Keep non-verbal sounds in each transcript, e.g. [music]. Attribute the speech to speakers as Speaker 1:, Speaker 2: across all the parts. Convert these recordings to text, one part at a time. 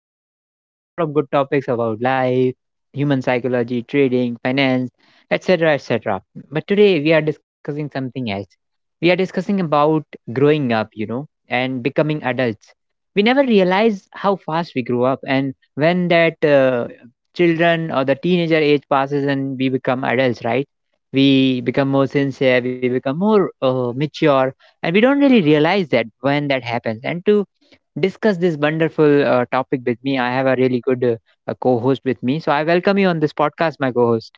Speaker 1: where we discuss a lot of good topics about life, human psychology, trading, finance, etc. etc. But today we are discussing something else. We are discussing about growing up, you know, and becoming adults. We never realize how fast we grow up, and when that children or the teenager age passes and we become adults, right? We become more sincere, we become more mature, and we don't really realize that when that happens and to discuss this wonderful topic with me. I have a really good co-host with me, so I welcome you on this podcast, my co-host.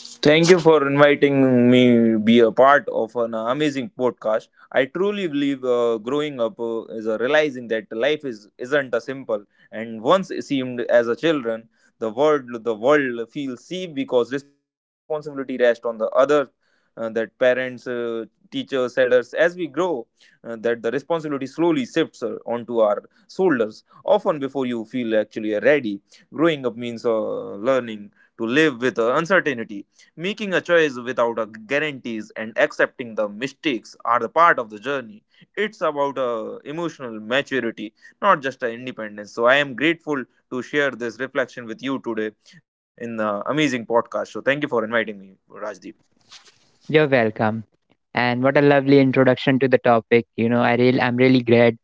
Speaker 2: Thank you for inviting me be a part of an amazing podcast. I truly believe growing up is a realizing that life is isn't a simple and once it seemed as a children the world feels safe because responsibility rests on the other that parents, teachers, elders as we grow, that the responsibility slowly shifts onto our shoulders often before you feel actually ready. Growing up means learning to live with uncertainty. Making a choice without a guarantees and accepting the mistakes are the part of the journey. It's about a emotional maturity, not just a independence. So I am grateful to share this reflection with you today in the amazing podcast. So thank you for inviting me, Rajdeep.
Speaker 1: You're welcome. And what a lovely introduction to the topic. You know, I'm really glad.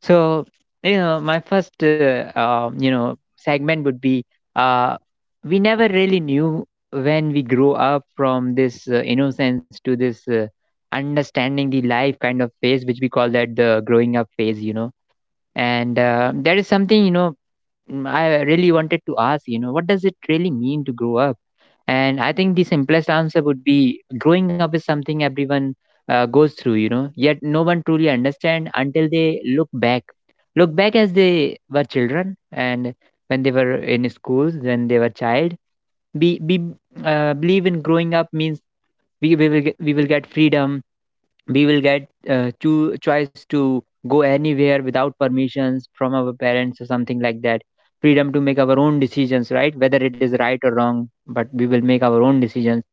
Speaker 1: So, you know, my first, segment would be, uh, we never really knew when we grow up from this innocence to this understanding the life kind of phase, which we call that the growing up phase. You know, and that is something, you know, I really wanted to ask, you know, what does it really mean to grow up? And I think the simplest answer would be growing up is something everyone goes through, you know, yet no one truly understand until they look back. Look back as they were children and when they were in schools, when they were child. Be Believe in growing up means we will get freedom, we will get to choice to go anywhere without permissions from our parents or something like that, freedom to make our own decisions, right? Whether it is right or wrong, but we will make our own decisions,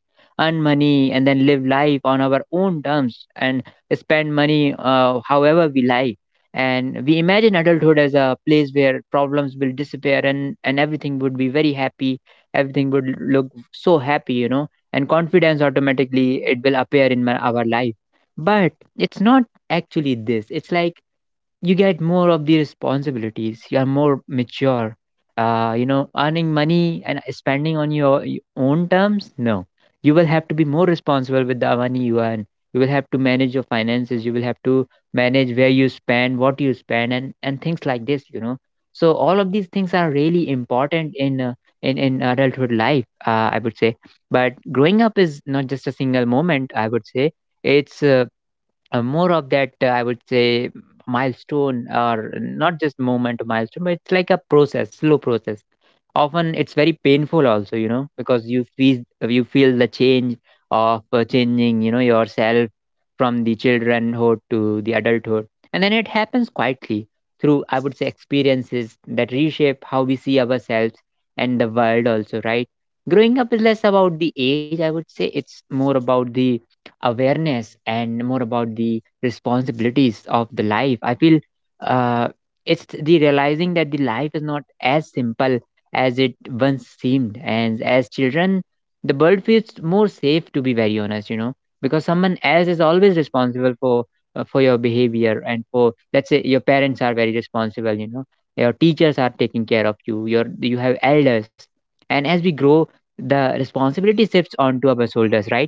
Speaker 1: earn money, and then live life on our own terms and spend money however we like. And we imagine adulthood as a place where problems will disappear, and everything would be very happy, everything would look so happy, you know, and confidence automatically it will appear in our life, but it's not actually this. It's like you get more of the responsibilities. You are more mature. You know, earning money and spending on your own terms, no. You will have to be more responsible with the money you earn. You will have to manage your finances. You will have to manage where you spend, what you spend, and things like this. You know, so all of these things are really important in adulthood life. I would say, but growing up is not just a single moment. I would say it's more of that, I would say, milestone, or not just moment, milestone, but it's like a process, slow process. Often it's very painful also, you know, because you feel the change of changing, you know, yourself from the childrenhood to the adulthood. And then it happens quietly through, I would say, experiences that reshape how we see ourselves and the world also, right? Growing up is less about the age, I would say, it's more about the awareness and more about the responsibilities of the life, I feel. uh, it's the realizing that the life is not as simple as it once seemed, and as children the world feels more safe, to be very honest, you know, because someone else is always responsible for your behavior. And, for, let's say, your parents are very responsible, you know, your teachers are taking care of you, you have elders, and as we grow the responsibility shifts onto our shoulders, right?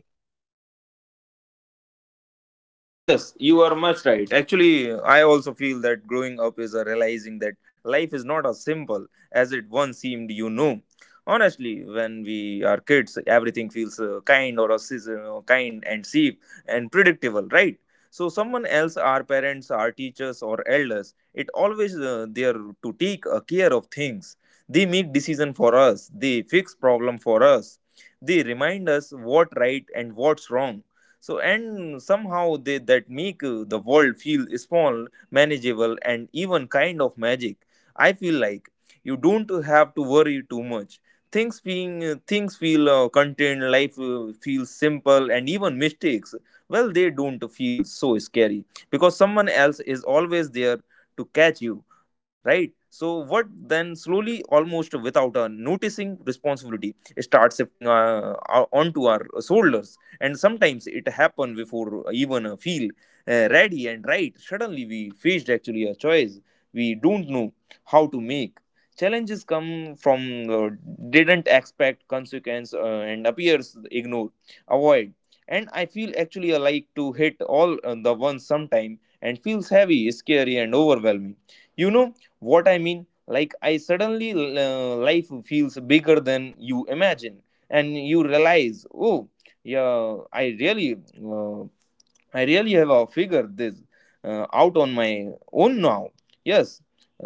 Speaker 2: Yes, you are much right. Actually, I also feel that growing up is a realizing that life is not as simple as it once seemed, you know. Honestly, when we are kids, everything feels kind or a kind and safe and predictable, right? So someone else, our parents, our teachers or elders, it always there to take care of things. They make decision for us. They fix problem for us. They remind us what right and what's wrong, so, and somehow they that make the world feel small, manageable, and even kind of magic. I feel like you don't have to worry too much. Things feel contained. Life feels simple and even mistakes, well, they don't feel so scary because someone else is always there to catch you, right? So what then slowly, almost without a noticing, responsibility starts shifting, onto our shoulders. And sometimes it happen before even feel ready. And right, suddenly we faced actually a choice we don't know how to make. Challenges come from, uh, didn't expect consequence, and appears ignore, avoid. And I feel actually I like to hit all the ones sometime and feels heavy, scary, and overwhelming, you know what I mean. Like I suddenly, life feels bigger than you imagine and you realize, oh, yeah, I really, uh, I really have figured this out on my own now. Yes.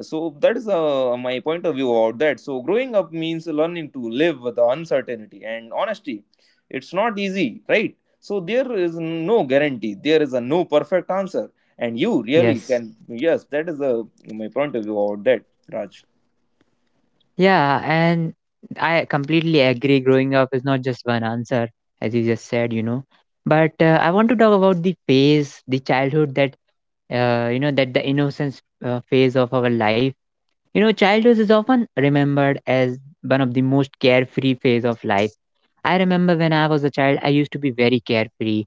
Speaker 2: So that is my point of view about that. So growing up means learning to live with the uncertainty and honesty. It's not easy, right? So there is no guarantee, there is a no perfect answer, and you really
Speaker 1: Yes.
Speaker 2: can. Yes, that is my point of view about that, Raj.
Speaker 1: Yeah, and I completely agree. Growing up is not just one answer, as you just said, you know. But I want to talk about the phase, the childhood, that, you know, that the innocence phase of our life. You know, childhood is often remembered as one of the most carefree phase of life. I remember when I was a child, I used to be very carefree.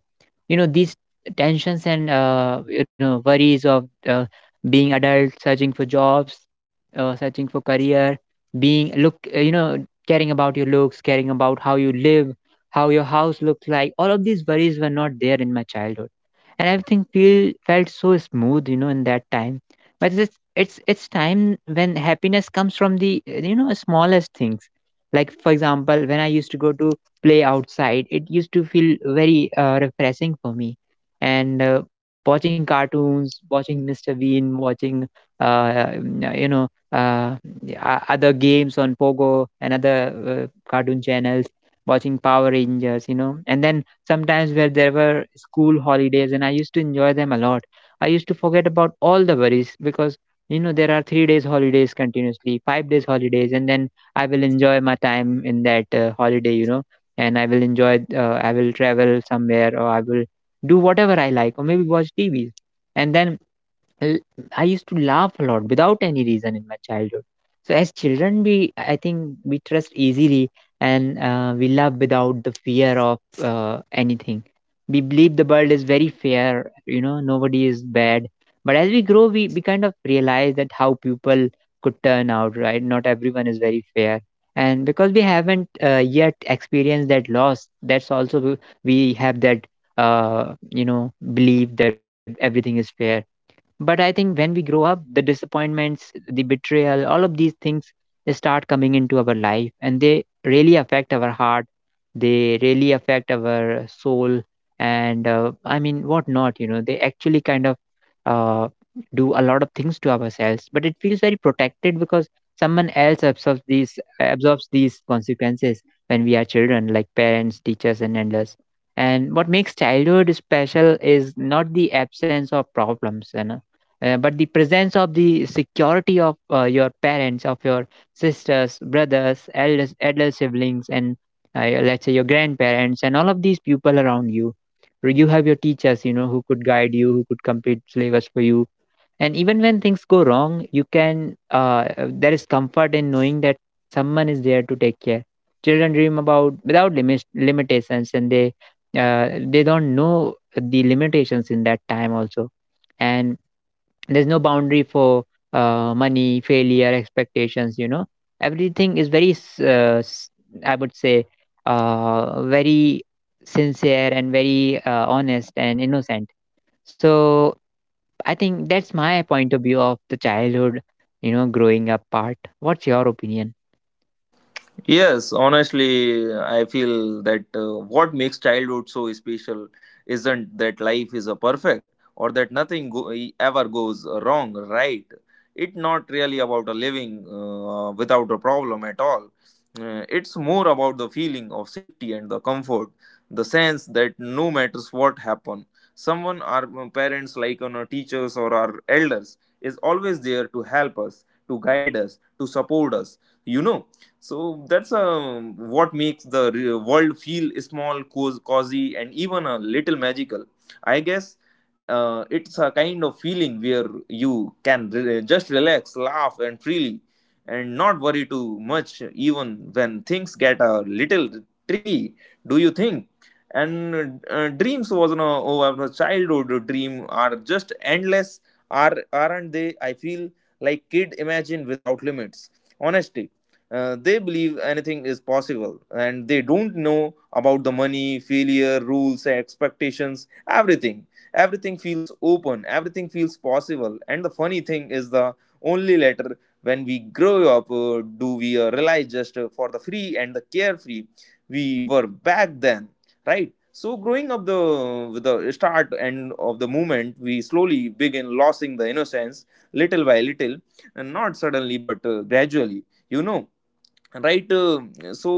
Speaker 1: You know, these tensions and you know worries of being adult, searching for jobs, searching for career, you know, caring about your looks, caring about how you live, how your house looks like. All of these worries were not there in my childhood, and everything feel felt so smooth, you know, in that time, but it's it's time when happiness comes from the you know smallest things, like for example, when I used to go to play outside, it used to feel very refreshing for me. And watching cartoons, watching Mr. Bean, watching, uh, you know uh, other games on Pogo and other cartoon channels, watching Power Rangers, you know. And then sometimes where there were school holidays and I used to enjoy them a lot, I used to forget about all the worries because, you know, there are 3 days holidays continuously, 5 days holidays, and then I will enjoy my time in that holiday, you know, and I will travel somewhere, or I will do whatever I like, or maybe watch TV. And then l- I used to laugh a lot without any reason in my childhood. So as children, we I think we trust easily, and we love without the fear of anything. We believe the world is very fair. You know, nobody is bad. But as we grow, we kind of realize that how people could turn out. Right? Not everyone is very fair. And because we haven't yet experienced that loss, that's also we have that you know belief that everything is fair. But I think when we grow up, the disappointments, the betrayal, all of these things, they start coming into our life and they really affect our heart. They really affect our soul. And I mean, what not, you know, they actually kind of, uh, do a lot of things to ourselves, but it feels very protected because someone else absorbs these consequences when we are children, like parents, teachers and elders. And what makes childhood special is not the absence of problems, you know, but the presence of the security of your parents, of your sisters, brothers, elder siblings, and let's say your grandparents and all of these people around you. You have your teachers, you know, who could guide you, who could complete syllabus for you. And even when things go wrong you can, there is comfort in knowing that someone is there to take care. Children dream about without limitations, and they don't know the limitations in that time also. And there's no boundary for money, failure, expectations, you know. Everything is very I would say, very sincere and very honest and innocent. So I think that's my point of view of the childhood, you know, growing up part. What's your opinion?
Speaker 2: Yes, honestly, I feel that what makes childhood so special isn't that life is a perfect or that nothing go- e, ever goes wrong, right? It's not really about a living without a problem at all. It's more about the feeling of safety and the comfort, the sense that no matters what happen, someone, our parents, like on our teachers or our elders, is always there to help us, to guide us, to support us. You know, so that's what makes the world feel small, cozy, and even a little magical. I guess it's a kind of feeling where you can just relax, laugh, and freely, and not worry too much, even when things get a little tricky. Do you think? And dreams was no, oh, our childhood dream are just endless. Aren't they? I feel like kid imagine without limits. Honesty, they believe anything is possible and they don't know about the money, failure, rules, expectations, everything. Everything feels open, everything feels possible. And the funny thing is, the only later when we grow up do we realize just for the free and the carefree we were back then, right? So growing up the with the start and of the movement, we slowly begin losing the innocence little by little, and not suddenly but gradually, you know, right. So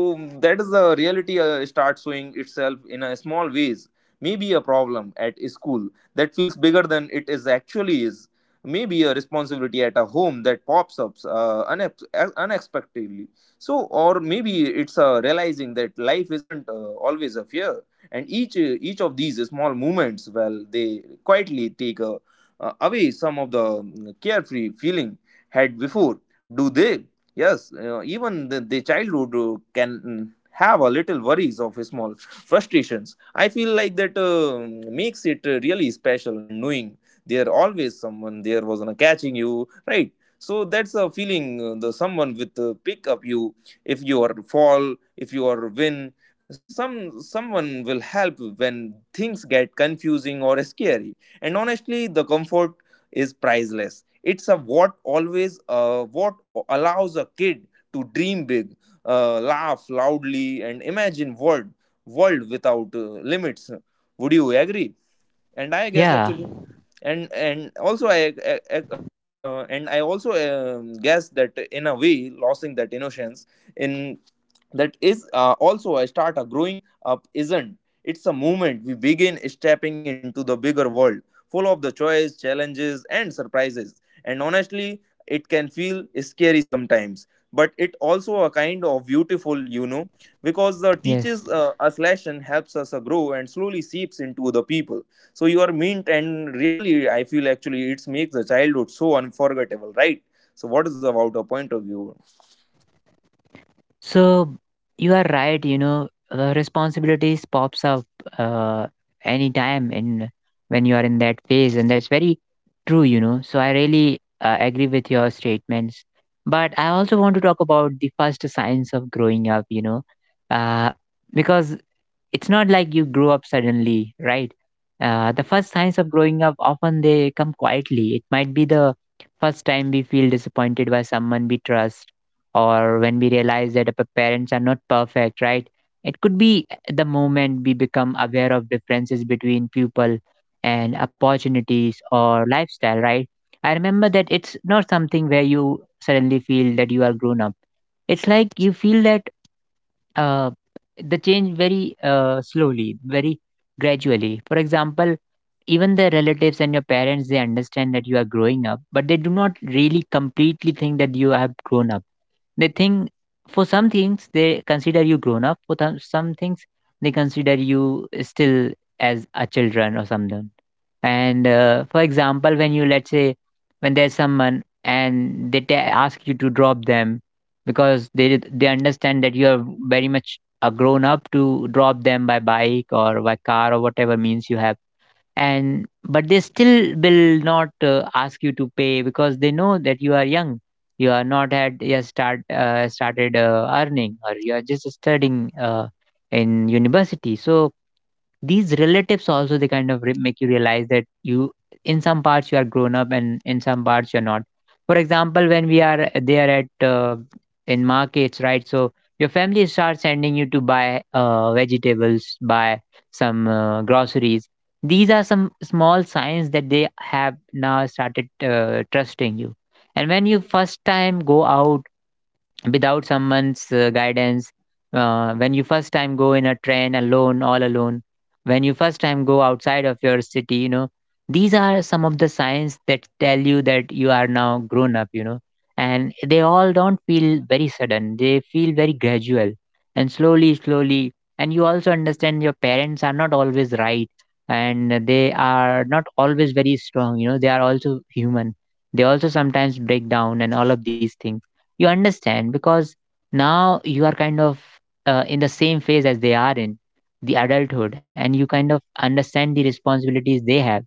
Speaker 2: that is the reality starts showing itself in a small ways. Maybe a problem at school that feels bigger than it is actually is. Maybe a responsibility at a home that pops up unexpectedly. So or maybe it's realizing that life isn't always a fear. And each of these small moments, well, they quietly take away some of the carefree feeling had before. Do they? Yes, you know, even the childhood can have a little worries of small frustrations. I feel like that makes it really special and knowing there always someone there was catching you, right? So that's a feeling the someone with pick up you if you are fall, if you are win. Someone will help when things get confusing or scary. And honestly, the comfort is priceless. It's a what always what allows a kid to dream big, laugh loudly, and imagine world without limits. Would you agree? And I guess
Speaker 1: Yeah,
Speaker 2: actually, and and also I and I also guess that in a way, losing that innocence in that is also a start a growing up isn't. It's a moment we begin stepping into the bigger world full of the choice, challenges, and surprises. And honestly, it can feel scary sometimes, but it also a kind of beautiful, you know, because the
Speaker 1: yes.
Speaker 2: teaches us lesson helps us grow and slowly seeps into the people. So you are meant, and really I feel actually it makes the childhood so unforgettable, right? So what is about a point of view?
Speaker 1: So you are right, you know, responsibilities pops up uh, anytime in when you are in that phase, and that's very true, you know. So I really agree with your statements, but I also want to talk about the first signs of growing up, you know, uh, because it's not like you grow up suddenly, right? The first signs of growing up often they come quietly. It might be the first time we feel disappointed by someone we trust, or when we realize that our parents are not perfect, right? It could be the moment we become aware of differences between people and opportunities or lifestyle, right? I remember that it's not something where you suddenly feel that you are grown up. It's like you feel that uh, the change very slowly, very gradually. For example, even the relatives and your parents, they understand that you are growing up, but they do not really completely think that you have grown up. They think for some things they consider you grown up. For some things they consider you still as a children or something. And for example, when you, let's say, when there's someone and they ta ask you to drop them because they understand that you are very much a grown up to drop them by bike or by car or whatever means you have. And but they still will not ask you to pay because they know that you are young. You are not had yet started earning, or you are just studying in university. So these relatives also they kind of make you realize that you in some parts you are grown up and in some parts you're not. For example, when we are there at in markets, right? So your family starts sending you to buy vegetables, buy some groceries. These are some small signs that they have now started trusting you. And when you first time go out without someone's guidance, when you first time go in a train alone, all alone, when you first time go outside of your city, you know, these are some of the signs that tell you that you are now grown up, you know. And they all don't feel very sudden, they feel very gradual and slowly slowly. And you also understand your parents are not always right, and they are not always very strong, you know, they are also human. They also sometimes break down and all of these things. You understand because now you are kind of in the same phase as they are in, the adulthood, and you kind of understand the responsibilities they have.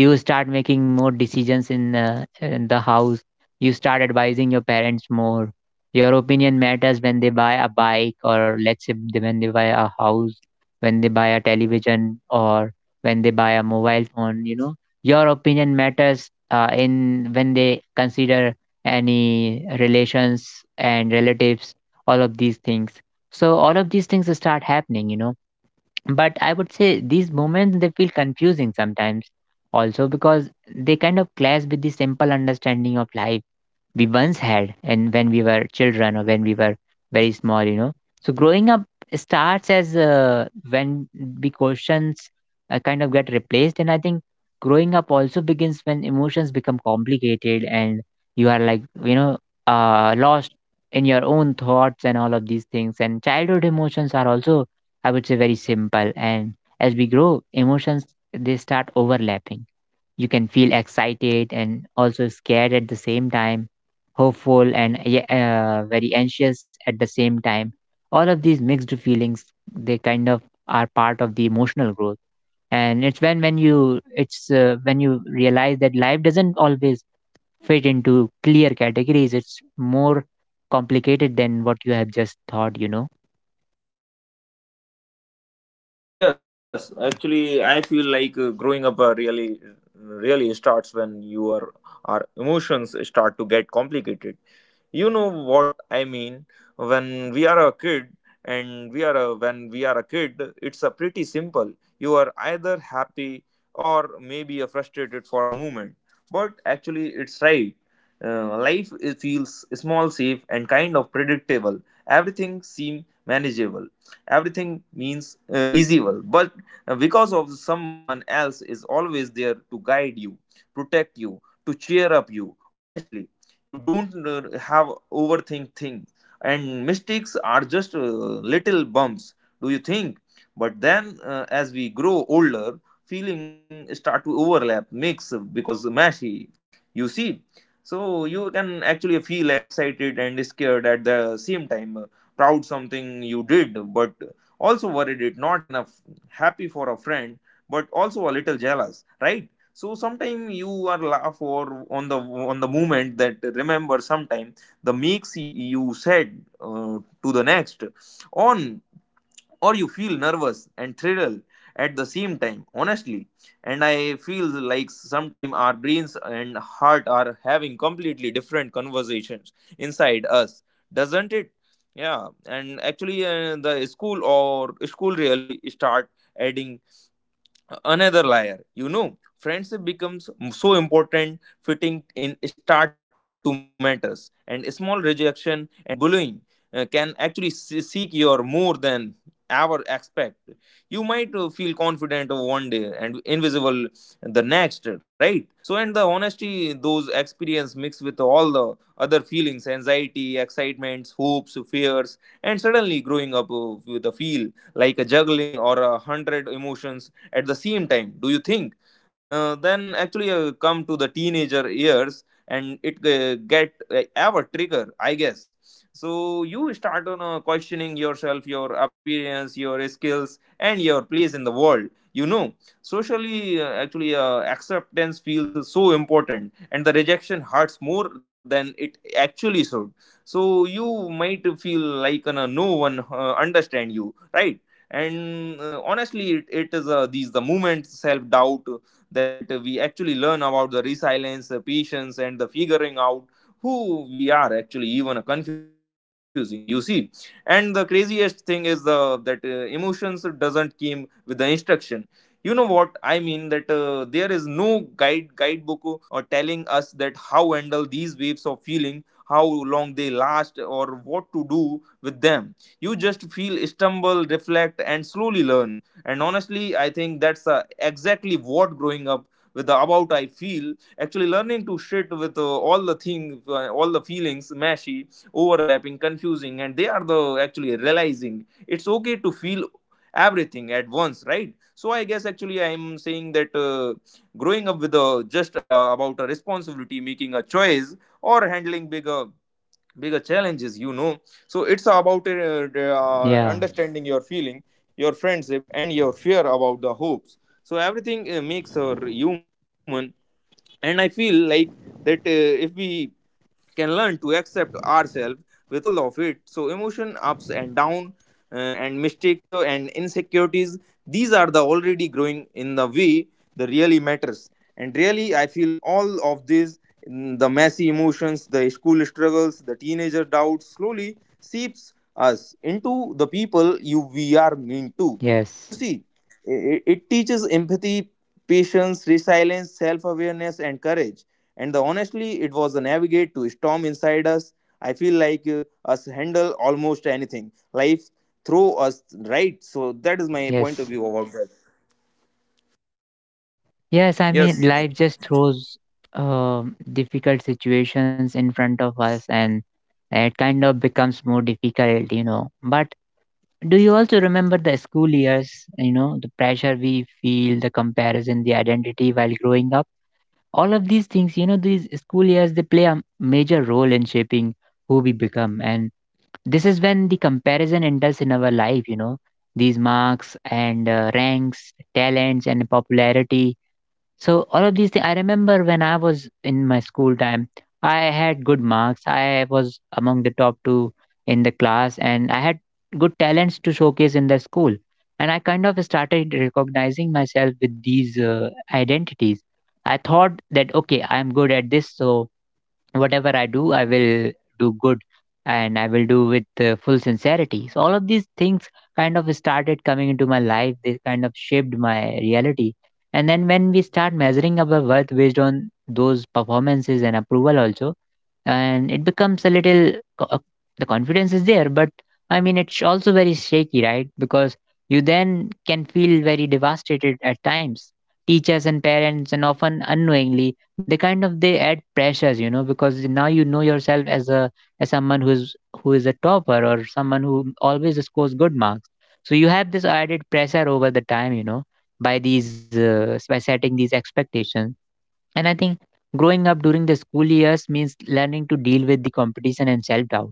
Speaker 1: You start making more decisions in the house. You start advising your parents more. Your opinion matters when they buy a bike, or let's say when they buy a house, when they buy a television, or when they buy a mobile phone, you know. Your opinion matters in when they consider any relations and relatives, all of these things. So all of these things start happening, you know. But I would say these moments they feel confusing sometimes, also because they kind of clash with the simple understanding of life we once had and when we were children or when we were very small, you know. So growing up starts as when the questions kind of get replaced. And I think growing up also begins when emotions become complicated and you are like, you know, lost in your own thoughts and all of these things. And childhood emotions are also, I would say, very simple. And as we grow, emotions, they start overlapping. You can feel excited and also scared at the same time, hopeful and very anxious at the same time. All of these mixed feelings, they kind of are part of the emotional growth. And it's when you realize that life doesn't always fit into clear categories, it's more complicated than what you have just thought, you know.
Speaker 2: Yes, actually, I feel like growing up really starts when your our emotions start to get complicated. You know what I mean, when we are a kid, and when we are a kid it's a pretty simple. You are either happy or maybe a frustrated for a moment. But actually it's right. Life it feels small, safe, and kind of predictable. Everything seems manageable. Everything means easyable, but because of someone else is always there to guide you, protect you, to cheer up you. Honestly, you don't have overthink things, and mistakes are just little bumps. Do you think? But then as we grow older, feeling start to overlap, mix because mashy, you see. So you can actually feel excited and scared at the same time, proud something you did but also worried it not enough, happy for a friend but also a little jealous, right? So sometime you are laugh or on the moment that remember sometime the mix you said to the next on, or you feel nervous and thrilled at the same time, honestly. And I feel like sometime our brains and heart are having completely different conversations inside us, doesn't it? Yeah, and actually the school really start adding another layer, you know. Friendship becomes so important, fitting in start to matters, and small rejection and bullying can actually seek your more than ever expect. You might feel confident of one day and invisible the next, right? So and the honesty those experience mixed with all the other feelings, anxiety, excitements, hopes, fears, and suddenly growing up with a feel like a juggling or 100 emotions at the same time. Do you think? Then actually come to the teenager years and it get our trigger, I guess. So you start on questioning yourself, your appearance, your skills, and your place in the world, you know. Socially actually acceptance feels so important and the rejection hurts more than it actually should. So you might feel like no one understand you, right? And honestly it is these the movement self doubt that we actually learn about the resilience, the patience, and the figuring out who we are actually even confusing, you see. And the craziest thing is that emotions doesn't came with the instruction, you know what I mean, that there is no guidebook or telling us that how handle these waves of feeling, how long they last or what to do with them. You just feel stumble, reflect, and slowly learn. And honestly I think that's exactly what growing up with the about I feel, actually learning to shit with all the things, all the feelings mashy, overlapping, confusing, and they are the actually realizing it's okay to feel everything at once, right? So I guess actually I'm saying that growing up with a just about a responsibility, making a choice, or handling bigger challenges, you know. So it's about
Speaker 1: Yeah.
Speaker 2: understanding your feeling, your friendship, and your fear about the hopes, so everything makes her human. And I feel like that If we can learn to accept ourselves with all of it, so emotion ups and down, uh, and mistakes, and insecurities, these are the already growing in the way the really matters. And really, I feel all of these, the messy emotions, the school struggles, the teenager doubts slowly seeps us into the people you we are mean to.
Speaker 1: Yes,
Speaker 2: You see, it teaches empathy, patience, resilience, self-awareness, and courage. And the honestly, it was a navigate to storm inside us. I feel like us handle almost anything life throw us. Right, so that is my point of
Speaker 1: yes,
Speaker 2: view about that.
Speaker 1: yes, I mean
Speaker 2: Yes.
Speaker 1: life just throws difficult situations in front of us, and it kind of becomes more difficult, you know. But do you also remember the school years, you know, the pressure we feel, the comparison, the identity while growing up? All of these things, you know, these school years, they play a major role in shaping who we become. And this is when the comparison enters in our life, you know, these marks and ranks, talents, and popularity. So all of these things, I remember when I was in my school time, I had good marks. I was among the top two in the class, and I had good talents to showcase in the school. And I kind of started recognizing myself with these identities. I thought that okay, I'm good at this, so whatever I do, I will do good, and I will do with full sincerity. So all of these things kind of started coming into my life, they kind of shaped my reality. And then, when we start measuring our worth based on those performances and approval also, and it becomes a little the confidence is there, but I mean it's also very shaky, right? Because you then can feel very devastated at times. Teachers and parents, and often unknowingly, they kind of they add pressures, you know, because now you know yourself as a, as someone who's, who is a topper, or someone who always scores good marks. So you have this added pressure over the time, you know, by these by setting these expectations. And I think growing up during the school years means learning to deal with the competition and self doubt.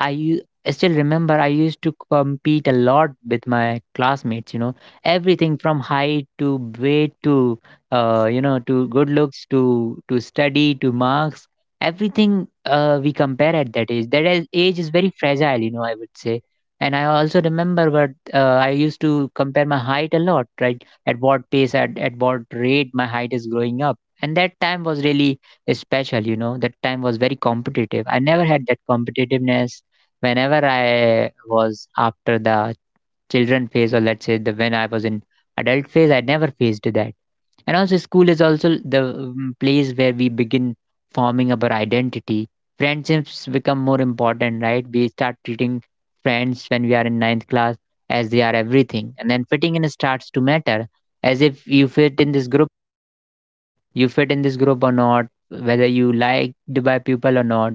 Speaker 1: I still remember I used to compete a lot with my classmates, you know, everything from height to weight to you know, to good looks to study to marks, everything we compare at that age. Age is very fragile, you know, I would say. And I also remember what I used to compare my height a lot, right? At what pace, at what rate my height is growing up. And that time was really special, you know, that time was very competitive. I never had that competitiveness whenever I was after the children phase, or let's say the when I was in adult phase, I never faced that. And also, school is also the place where we begin forming our identity. Friendships become more important, right? We start treating friends when we are in ninth class as they are everything, and then fitting in starts to matter, as if you fit in this group, you fit in this group or not, whether you liked by people or not,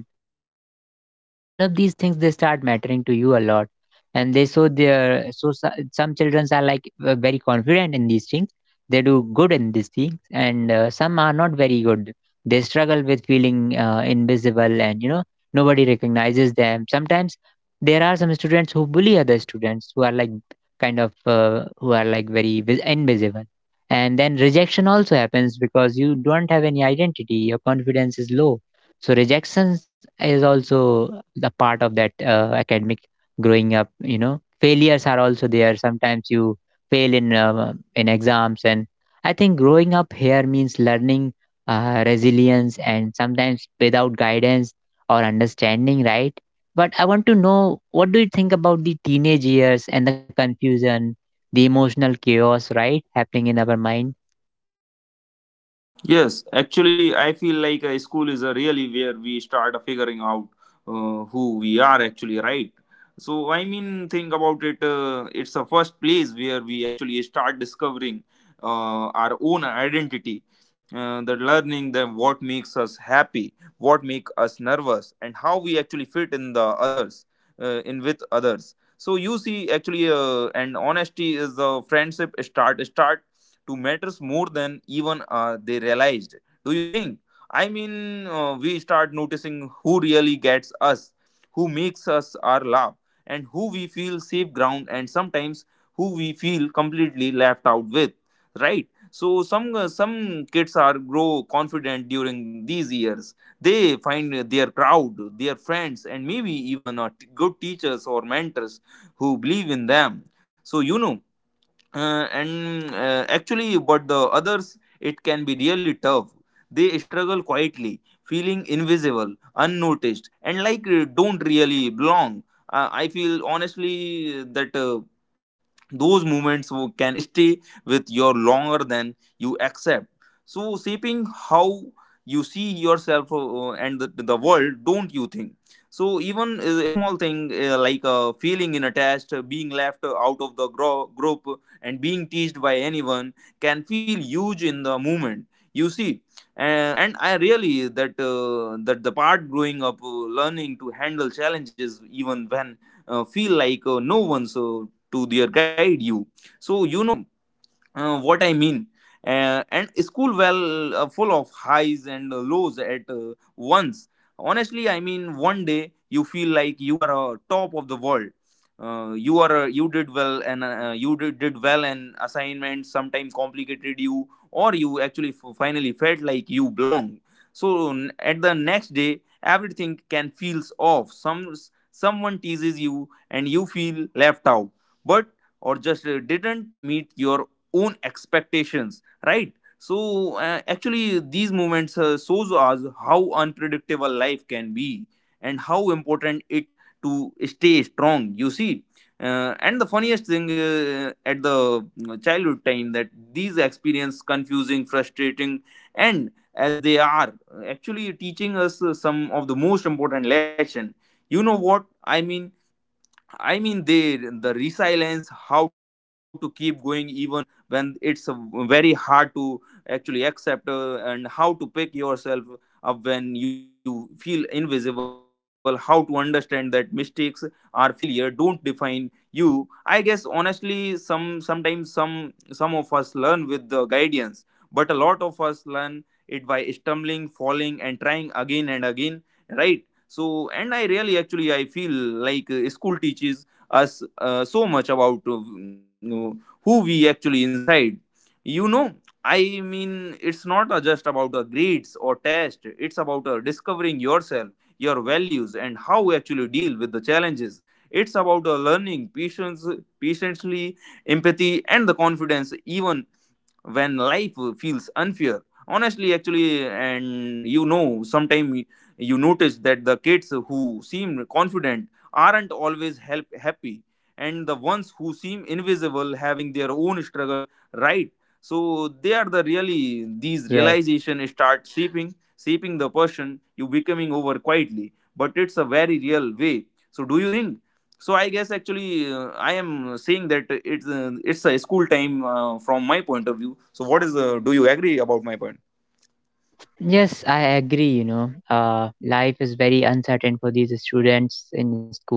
Speaker 1: all of these things they start mattering to you a lot. And they, so some children are like very confident in these things, they do good in these things, and some are not very good, they struggle with feeling invisible, and you know, nobody recognizes them sometimes. There are some students who bully other students who are like kind of who are like very invisible. And then rejection also happens because you don't have any identity, your confidence is low. So rejections is also the part of that academic growing up, you know. Failures are also there, sometimes you fail in exams. And I think growing up here means learning resilience, and sometimes without guidance or understanding, right? But I want to know, what do you think about the teenage years and the confusion, the emotional chaos right happening in our mind?
Speaker 2: Yes, actually, I feel like a school is a really where we start figuring out who we are actually, right? So I mean, think about it. It's the first place where we actually start discovering our own identity. The learning that what makes us happy, what make us nervous, and how we actually fit in the others, in with others. So you see, actually, and honesty is the friendship start to matters more than even they realized. Do you think? I mean, we start noticing who really gets us, who makes us our laugh, and who we feel safe ground, and sometimes who we feel completely left out with, right? So some kids are grow confident during these years. They find their crowd, their friends, and maybe even good teachers or mentors who believe in them. So you know, and actually but the others it can be really tough. They struggle quietly feeling invisible, unnoticed, and like don't really belong. I feel honestly that those can stay with you longer than you accept, so shaping how you see yourself and the world, don't you think? So even a small thing, like feeling in a test, being left out of the group, and being teased by anyone, can feel huge in the moment, you see. And I really that that the part growing up, learning to handle challenges even when feel like no one's to their guide you. So you know what I mean. And school well full of highs and lows at once. Honestly, I mean, one day you feel like you are top of the world. You did well and assignment sometimes complicated you, or you actually finally felt like you belong. So at the next day, everything can feels off. Someone teases you and you feel left out. But or just didn't meet your own expectations, right? So actually these moments shows us how unpredictable life can be and how important it to stay strong, you see. And the funniest thing at the childhood time, that these experience confusing, frustrating and as they are, actually teaching us some of the most important lesson. You know what I mean? I mean, they the resilience, how to keep going even when it's very hard to actually accept, and how to pick yourself up when you feel invisible. How to understand that mistakes or failure don't define you. I guess honestly, sometimes some of us learn with the guidance, but a lot of us learn it by stumbling, falling, and trying again and again. Right. So, and I really actually I feel like school teaches us so much about, you know, who we actually inside, you know. I mean, it's not just about the grades or test, it's about discovering yourself, your values, and how we actually deal with the challenges. It's about learning patience patiently, empathy, and the confidence even when life feels unfair honestly actually. And you know, sometimes you notice that the kids who seem confident aren't always help happy, and the ones who seem invisible having their own struggle, right? So they are the really these
Speaker 1: Yes.
Speaker 2: realization start shaping the person you becoming over quietly, but it's a very real way. So, do you think? So I guess actually I am saying that it's a school time from my point of view. So what is do you agree about my point?
Speaker 1: Yes, I agree. You know, life is very uncertain for these students in school.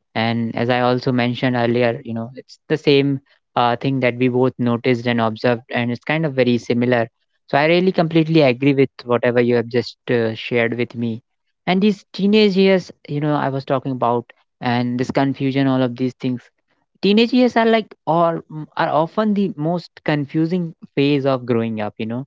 Speaker 1: And as I also mentioned earlier, you know, it's the same thing that we both noticed and observed, and it's kind of very similar. So I really completely agree with whatever you have just shared with me. And these teenage years, you know, I was talking about, and this confusion, all of these things. Teenage years are like, or are often the most confusing phase of growing up. You know,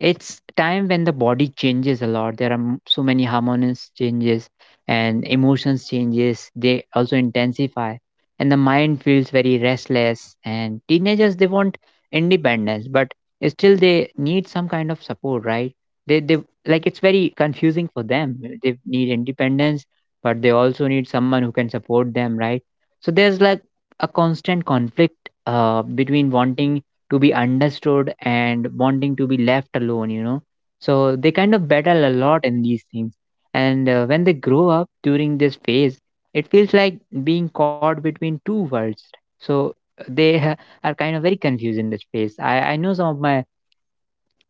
Speaker 1: it's time when the body changes a lot, there are so many hormones changes and emotions changes, they also intensify. And the mind feels very restless, and teenagers they want independence, but still they need some kind of support, right? They, like, it's very confusing for them. They need independence, but they also need someone who can support them, right? So there's like a constant conflict between wanting to be understood and wanting to be left alone, you know. So they kind of battle a lot in these things. And when they grow up during this phase, it feels like being caught between two worlds. So they [laughs] are kind of very confused in this phase. I know some of my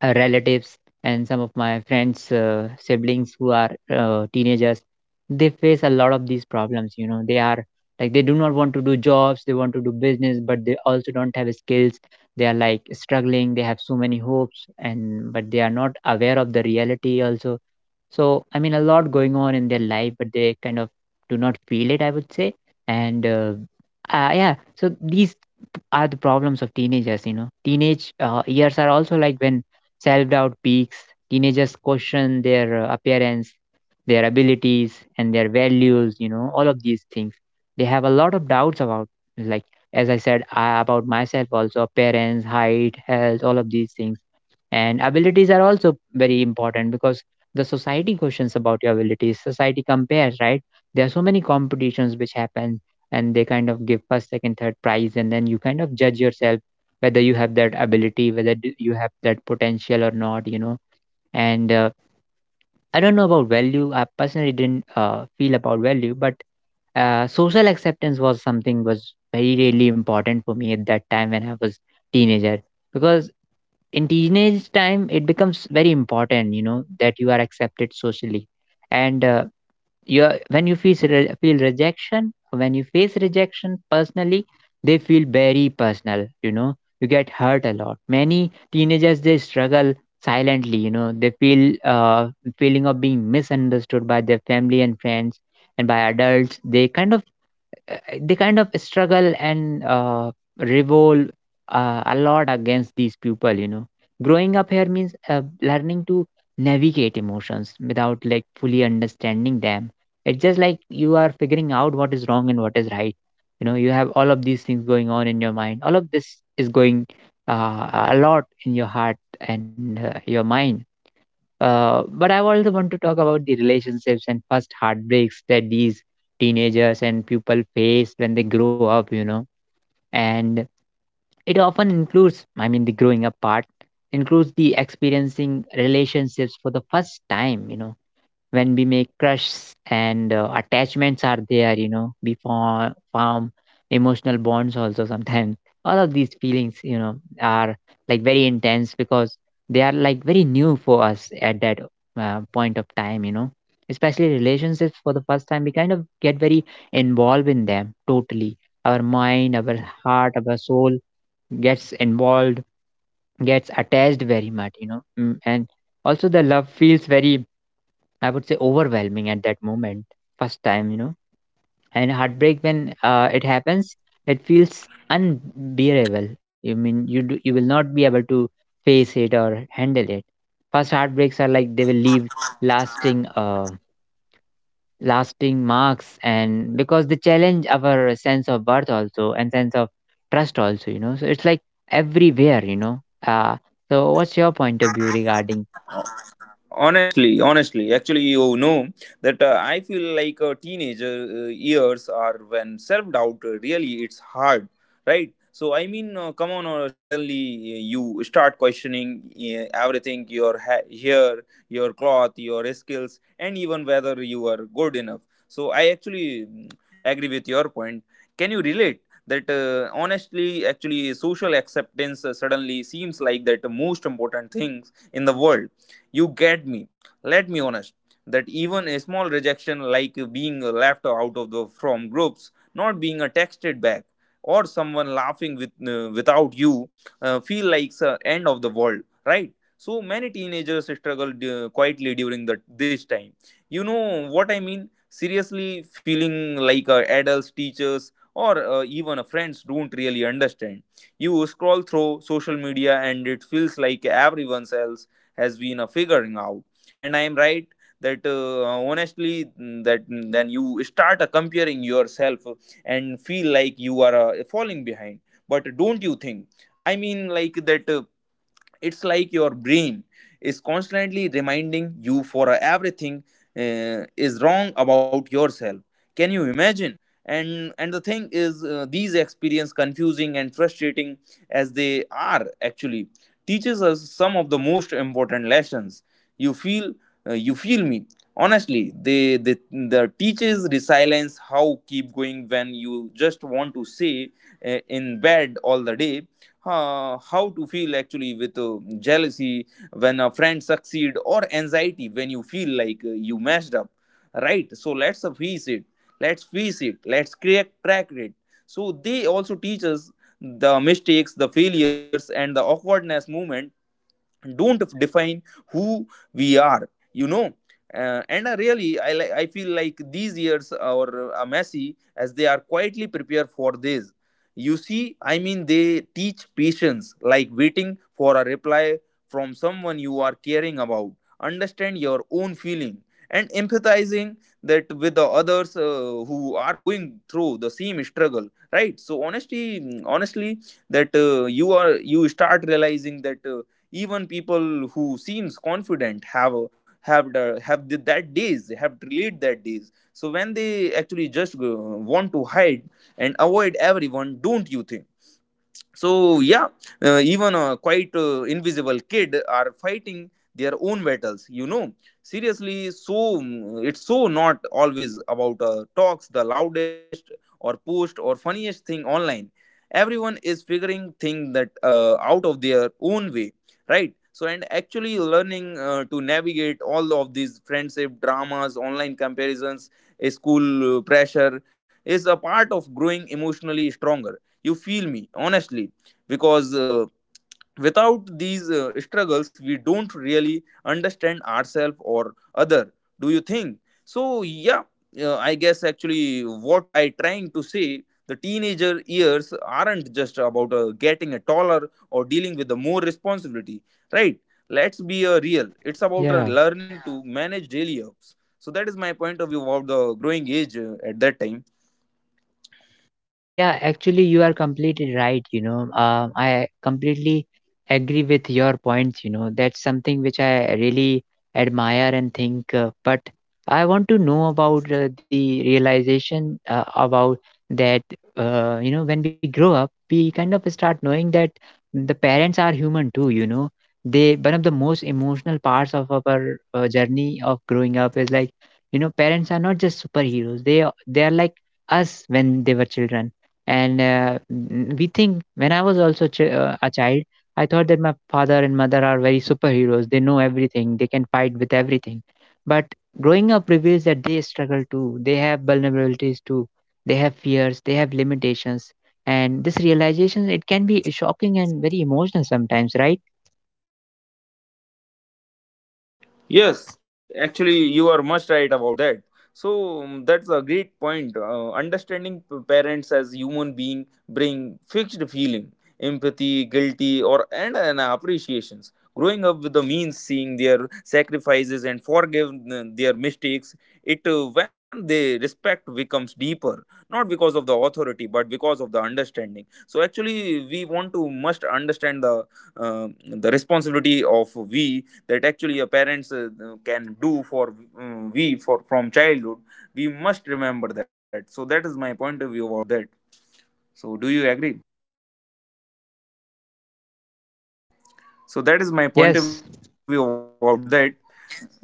Speaker 1: relatives and some of my friends siblings who are teenagers, they face a lot of these problems, you know. They are like, they do not want to do jobs, they want to do business, but they also don't have skills. They are like struggling, they have so many hopes, and but they are not aware of the reality also. So, I mean, a lot going on in their life, but they kind of do not feel it, I would say. And yeah, so these are the problems of teenagers, you know. Teenage years are also like when self doubt peaks. Teenagers question their appearance, their abilities, and their values, you know, all of these things. They have a lot of doubts about, like, as I said, about myself also, appearance, height, health, all of these things. And abilities are also very important, because the society questions about your abilities. Society compares, right? There are so many competitions which happen, and they kind of give first, second, third prize, and then you kind of judge yourself whether you have that ability, whether you have that potential or not, you know. And I don't know about value. I personally didn't feel about value, but social acceptance was something was very really important for me at that time when I was teenager, because in teenage time it becomes very important, that you are accepted socially. And when you feel feel rejection, when you face rejection personally, they feel very personal, you get hurt a lot. Many teenagers, they struggle silently, they feel uh, feeling of being misunderstood by their family and friends and by adults. They kind of uh, they kind of struggle and revolt a lot against these people. Growing up here means learning to navigate emotions without like fully understanding them. It's just like you are figuring out what is wrong and what is right. You have all of these things going on in your mind. All of this is going a lot in your heart and your mind. But I also want to talk about the relationships and first heartbreaks that these teenagers and people face when they grow up. And it often includes, I mean, the growing up part includes the experiencing relationships for the first time, when we make crushs and attachments are there, we form emotional bonds also sometimes [laughs] all of these feelings, are like very intense because they are like very new for us at that point of time. Especially relationships for the first time, we kind of get very involved in them totally. Our mind, our heart, our soul gets involved, gets attached very much. And also the love feels very, I would say, overwhelming at that moment, first time, And heartbreak, when it happens, it feels unbearable. You mean you do, you will not be able to face it or handle it. First heartbreaks are like they will leave lasting lasting marks, and because they challenge our sense of worth also and sense of trust also, you know. So it's like everywhere, you know. So what's your point of view regarding.
Speaker 2: Honestly, honestly, actually, you know that I feel like teenager years are when self-doubt really it's hard, right? So I mean come on, suddenly you start questioning everything, your hair, your cloth, your skills, and even whether you are good enough. So I actually agree with your point. Can you relate that honestly actually social acceptance suddenly seems like that the most important things in the world. You get me. Let me honest that even a small rejection, like being left out of the from groups, not being a texted back, or someone laughing with without you, feel like the end of the world, right? So many teenagers struggle quietly during the this time. You know what I mean? Seriously, feeling like adults, teachers, or even friends don't really understand. You scroll through social media and it feels like everyone else has been figuring out and I am right that honestly then you start comparing yourself and feel like you are falling behind. But don't you think, I mean, like that it's like your brain is constantly reminding you for everything is wrong about yourself. Can you imagine? And the thing is these experience confusing and frustrating as they are actually teaches us some of the most important lessons. You feel you feel me honestly. They the teaches resilience, how keep going when you just want to stay in bed all the day, how to feel actually with jealousy when a friend succeed, or anxiety when you feel like you messed up, right? So let's face it, let's face it, let's crack it. So they also teach us the mistakes, the failures, and the awkwardness moment don't define who we are, you know. And Really I, I feel like these years or messy as they are quietly prepared for this, you see. I mean, they teach patience, like waiting for a reply from someone you are caring about, understand your own feeling, and empathizing that with the others who are going through the same struggle, right? So honestly, honestly, that you are you start realizing that even people who seems confident have a, have the, that days have delayed that days, so when they actually just go, want to hide and avoid everyone, don't you think? So yeah, even a quite invisible kid are fighting their own battles, you know. Seriously, so it's so not always about talks the loudest or post or funniest thing online. Everyone is figuring thing that out of their own way, right? So and actually learning to navigate all of these friendship dramas, online comparisons, a school pressure is a part of growing emotionally stronger. You feel me honestly, because without these struggles we don't really understand ourselves or other. Do you think? So yeah, I guess actually what I trying to say, the teenager years aren't just about getting a taller or dealing with the more responsibility, right? Let's be real, it's about
Speaker 1: Yeah.
Speaker 2: learning to manage daily ups. So that is my point of view about the growing age at that time.
Speaker 1: Yeah, actually, you are completely right. You know, I completely agree with your points. You know, that's something which I really admire and think. But I want to know about the realization about that. You know, when we grow up, we kind of start knowing that the parents are human too. You know, they one of the most emotional parts of our journey of growing up is like, you know, parents are not just superheroes. They are like us when they were children. And we think when I was also a child, I thought that my father and mother are very superheroes. They know everything, they can fight with everything. But growing up reveals that they struggle too, they have vulnerabilities too, they have fears, they have limitations. And this realization, it can be shocking and very emotional sometimes, right?
Speaker 2: Yes, actually, you are much right about that. So that's a great point. Understanding parents as human being bring fixed feeling, empathy, guilty, and appreciations. Growing up with the means, seeing their sacrifices and forgive their mistakes, it when they respect becomes deeper, not because of the authority, but because of the understanding. So actually, we want to must understand uh, the responsibility of we that actually your parents can do for we for from childhood we must remember that. So that is my point of view about that. So do you agree? So that is my point of
Speaker 1: Yes.
Speaker 2: view about that. Yes.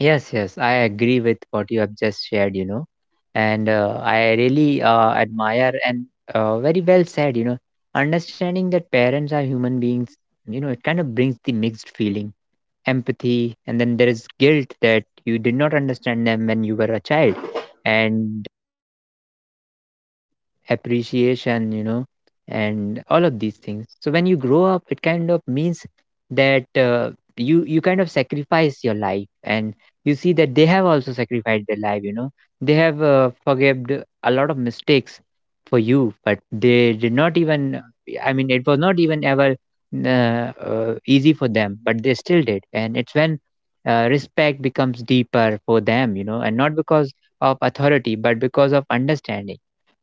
Speaker 1: Yes, yes, I agree with what you have just shared, you know, and I really admire, and very well said, you know, understanding that parents are human beings, you know, it kind of brings the mixed feeling, empathy, and then there is guilt that you did not understand them when you were a child. And appreciation, you know, and all of these things. So when you grow up, it kind of means that you kind of sacrifice your life, and you see that they have also sacrificed their life. You know, they have forgived a lot of mistakes for you, but they did not even. I mean, it was not even ever easy for them, but they still did, and it's when respect becomes deeper for them, you know, and not because of authority, but because of understanding.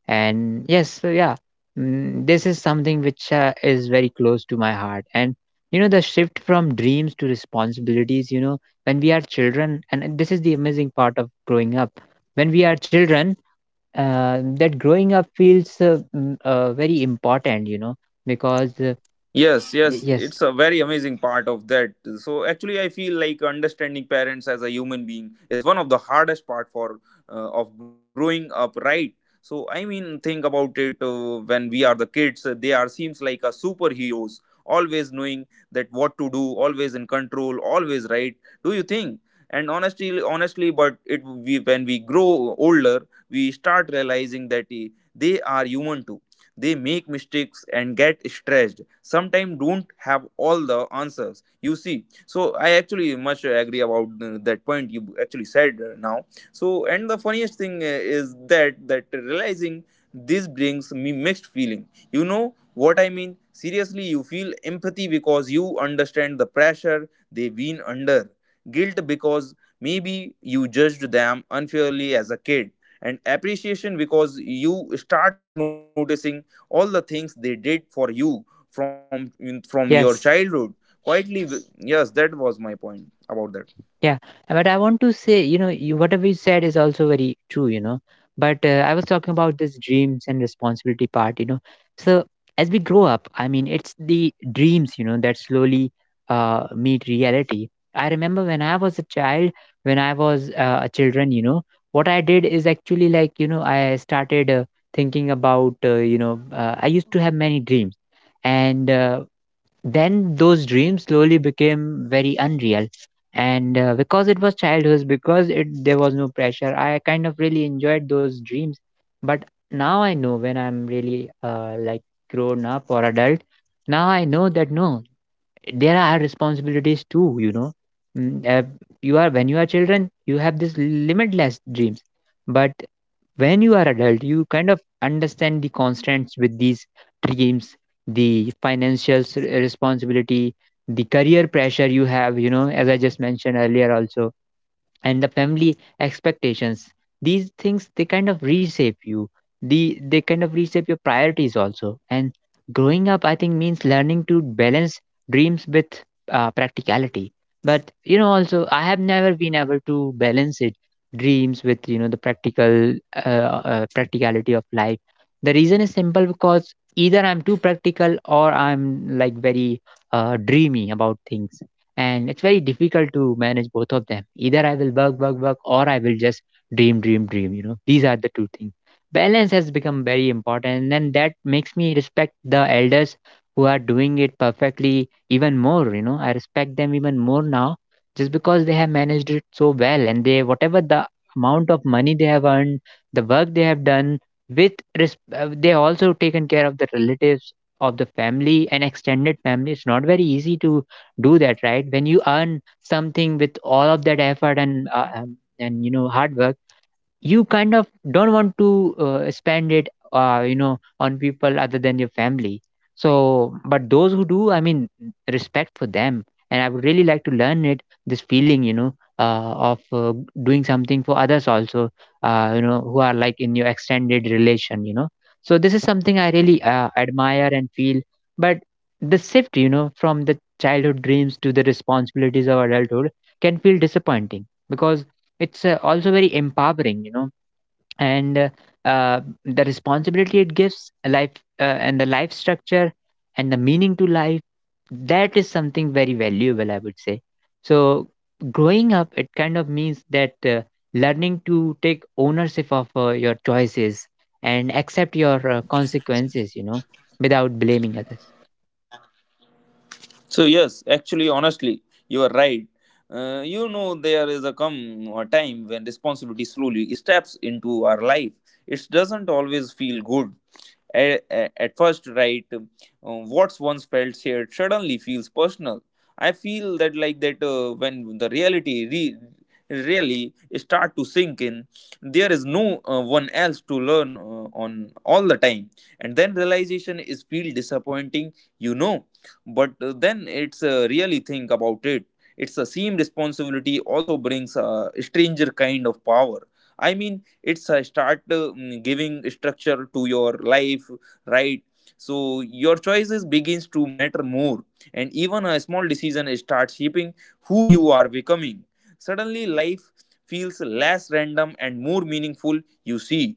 Speaker 1: And yes, so yeah, mm, this is something which is very close to my heart. And you know the shift from dreams to responsibilities, you know, when we are children, and this is the amazing part of growing up, when we are children, that growing up feels very important, you know, because
Speaker 2: Yes, yes,
Speaker 1: yes,
Speaker 2: it's a very amazing part of that. So actually, I feel like understanding parents as a human being is one of the hardest part for of growing up, right? So I mean, think about it. When we are the kids, they are seems like a superheroes, always knowing that what to do, always in control, always right. Do you think? And honestly, but it we when we grow older, we start realizing that they are human too. They make mistakes and get stressed. Sometimes don't have all the answers. You see, so I actually much agree about that point you actually said now. So and the funniest thing is that realizing this brings me mixed feeling. You know what I mean? Seriously, you feel empathy because you understand the pressure they've been under. Guilt because maybe you judged them unfairly as a kid, and appreciation because you start noticing all the things they did for you from your
Speaker 1: yes.
Speaker 2: childhood quietly. Yes, that was my point about that.
Speaker 1: Yeah, but I want to say, you know, you, whatever you said is also very true, you know. But I was talking about this dreams and responsibility part, you know. So as we grow up, I mean, it's the dreams, you know, that slowly meet reality. I remember when I was a child, when I was a children, you know, what I did is actually like, you know, I started thinking about, you know, I used to have many dreams, and then those dreams slowly became very unreal. And because it was childhood, because it there was no pressure, I kind of really enjoyed those dreams. But now I know when I'm really like grown up or adult, now I know that no, there are responsibilities too, you know. Mm, you are when you are children you have this limitless dreams. But when you are adult, you kind of understand the constants with these dreams, the financial responsibility, the career pressure you have, you know, as I just mentioned earlier also. And the family expectations, these things, they kind of reshape you. They kind of reshape your priorities also. And growing up, I think, means learning to balance dreams with practicality. But you know also I have never been able to balance it, dreams with, you know, the practical practicality of life. The reason is simple, because either I'm too practical or I'm like very dreamy about things. And it's very difficult to manage both of them. Either I will work work work, or I will just dream dream dream. You know, these are the two things. Balance has become very important, and that makes me respect the elders who are doing it perfectly even more. You know, I respect them even more now just because they have managed it so well. And they, whatever the amount of money they have earned, the work they have done, with they also taken care of the relatives, of the family and extended family. It's not very easy to do that, right? When you earn something with all of that effort and you know hard work, you kind of don't want to spend it, you know, on people other than your family. So but those who do, I mean, respect for them. And I would really like to learn it, this feeling, you know, of doing something for others also, you know, who are like in your extended relation, you know. So this is something I really admire and feel. But the shift, you know, from the childhood dreams to the responsibilities of adulthood can feel disappointing, because it's also very empowering, you know. And uh, the responsibility, it gives a life and the life structure and the meaning to life. That is something very valuable, I would say. So growing up, it kind of means that learning to take ownership of your choices and accept your consequences, you know, without blaming others.
Speaker 2: So yes, actually, honestly, you are right. You know, there is a come a time when responsibility slowly steps into our life. It doesn't always feel good. At first, right, what's once felt shared suddenly feels personal. I feel that like that when the really start to sink in, there is no one else to learn on all the time, and then realization is feel disappointing. You know, but then it's really think about it. It's a same responsibility also brings a stranger kind of power. I mean, it's a start giving structure to your life, right? So your choices begins to matter more, and even a small decision starts shaping who you are becoming. Suddenly life feels less random and more meaningful, you see.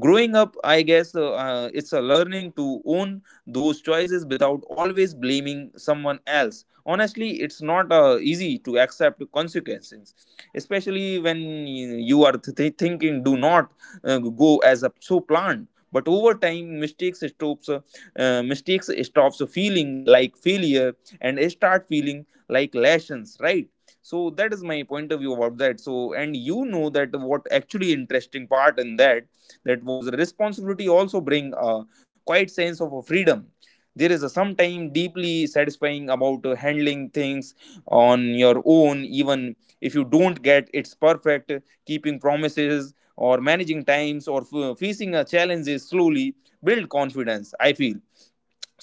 Speaker 2: Growing up, I guess it's a learning to own those choices without always blaming someone else. Honestly, it's not easy to accept consequences, especially when thinking do not go as a, so planned. But over time, mistakes stops feeling like failure and start feeling like lessons, right? So that is my point of view about that. So and you know that what actually interesting part in that, that was responsibility also bring a quiet sense of a freedom. There is a sometime deeply satisfying about handling things on your own, even if you don't get it's perfect. Keeping promises or managing times or facing a challenges slowly build confidence, I feel.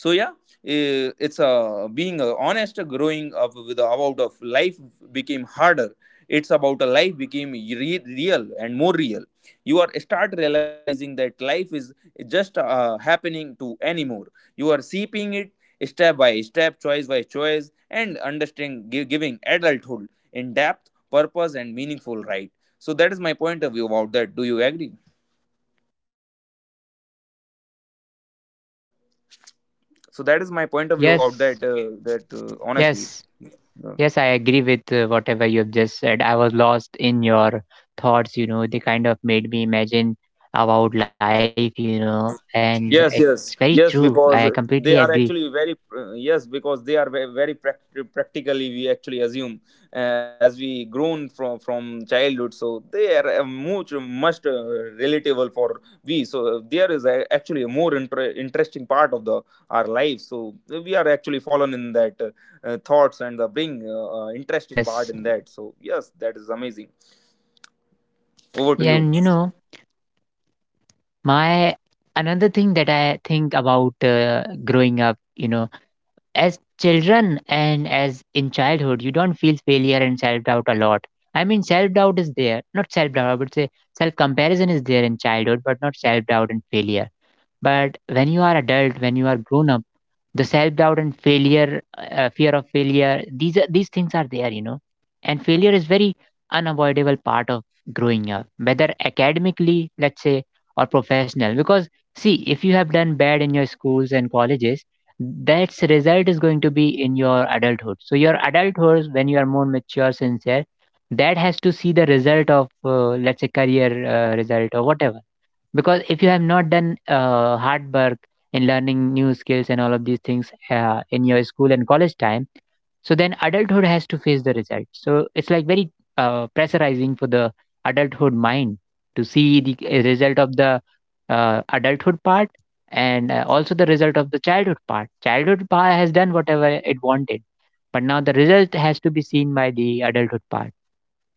Speaker 2: So yeah, it's a being honest growing up with about of life became harder. It's about a life real and more real. You are start realizing that life is just happening to anymore. You are seeping it step by step, choice by choice, and understanding giving adulthood in depth purpose and meaningful, right? So that is my point of view about that. Do you agree? So that is my point of view about
Speaker 1: Yes,
Speaker 2: that, that honestly.
Speaker 1: yes.
Speaker 2: Yeah.
Speaker 1: Yes, I agree with whatever you've just said. I was lost in your thoughts, you know, they kind of made me imagine about life, you know, and it's very
Speaker 2: Yes,
Speaker 1: true.
Speaker 2: yes,
Speaker 1: I
Speaker 2: yes,
Speaker 1: completely
Speaker 2: because
Speaker 1: agree.
Speaker 2: they are actually very yes, because they are very, practically we actually assume as we grown from childhood, so they are much much relatable for we. So there is a, actually a more interesting part of the our life. So we are actually fallen in that thoughts and the bring interesting
Speaker 1: Yes.
Speaker 2: part in that. So yes, that is amazing. Over to you,
Speaker 1: And, you
Speaker 2: Raj.
Speaker 1: know, my another thing that I think about growing up, you know, as children and as in childhood, you don't feel failure and self doubt a lot. I mean, self doubt is there, not self doubt, I would say self comparison is there in childhood, but not self doubt and failure. But when you are adult, when you are grown up, the self doubt and failure, fear of failure, these things are there, you know. And failure is very unavoidable part of growing up, whether academically, let's say, or professional. Because see, if you have done bad in your schools and colleges, that's result is going to be in your adulthood. So your adulthood, when you are more mature sincere, that has to see the result of, let's say, career result or whatever, because if you have not done hard work in learning new skills and all of these things in your school and college time. So then adulthood has to face the result, so it's like very pressurizing for the adulthood mind to see the result of the adulthood part. And also the result of the childhood part. Childhood part has done whatever it wanted, but now the result has to be seen by the adulthood part.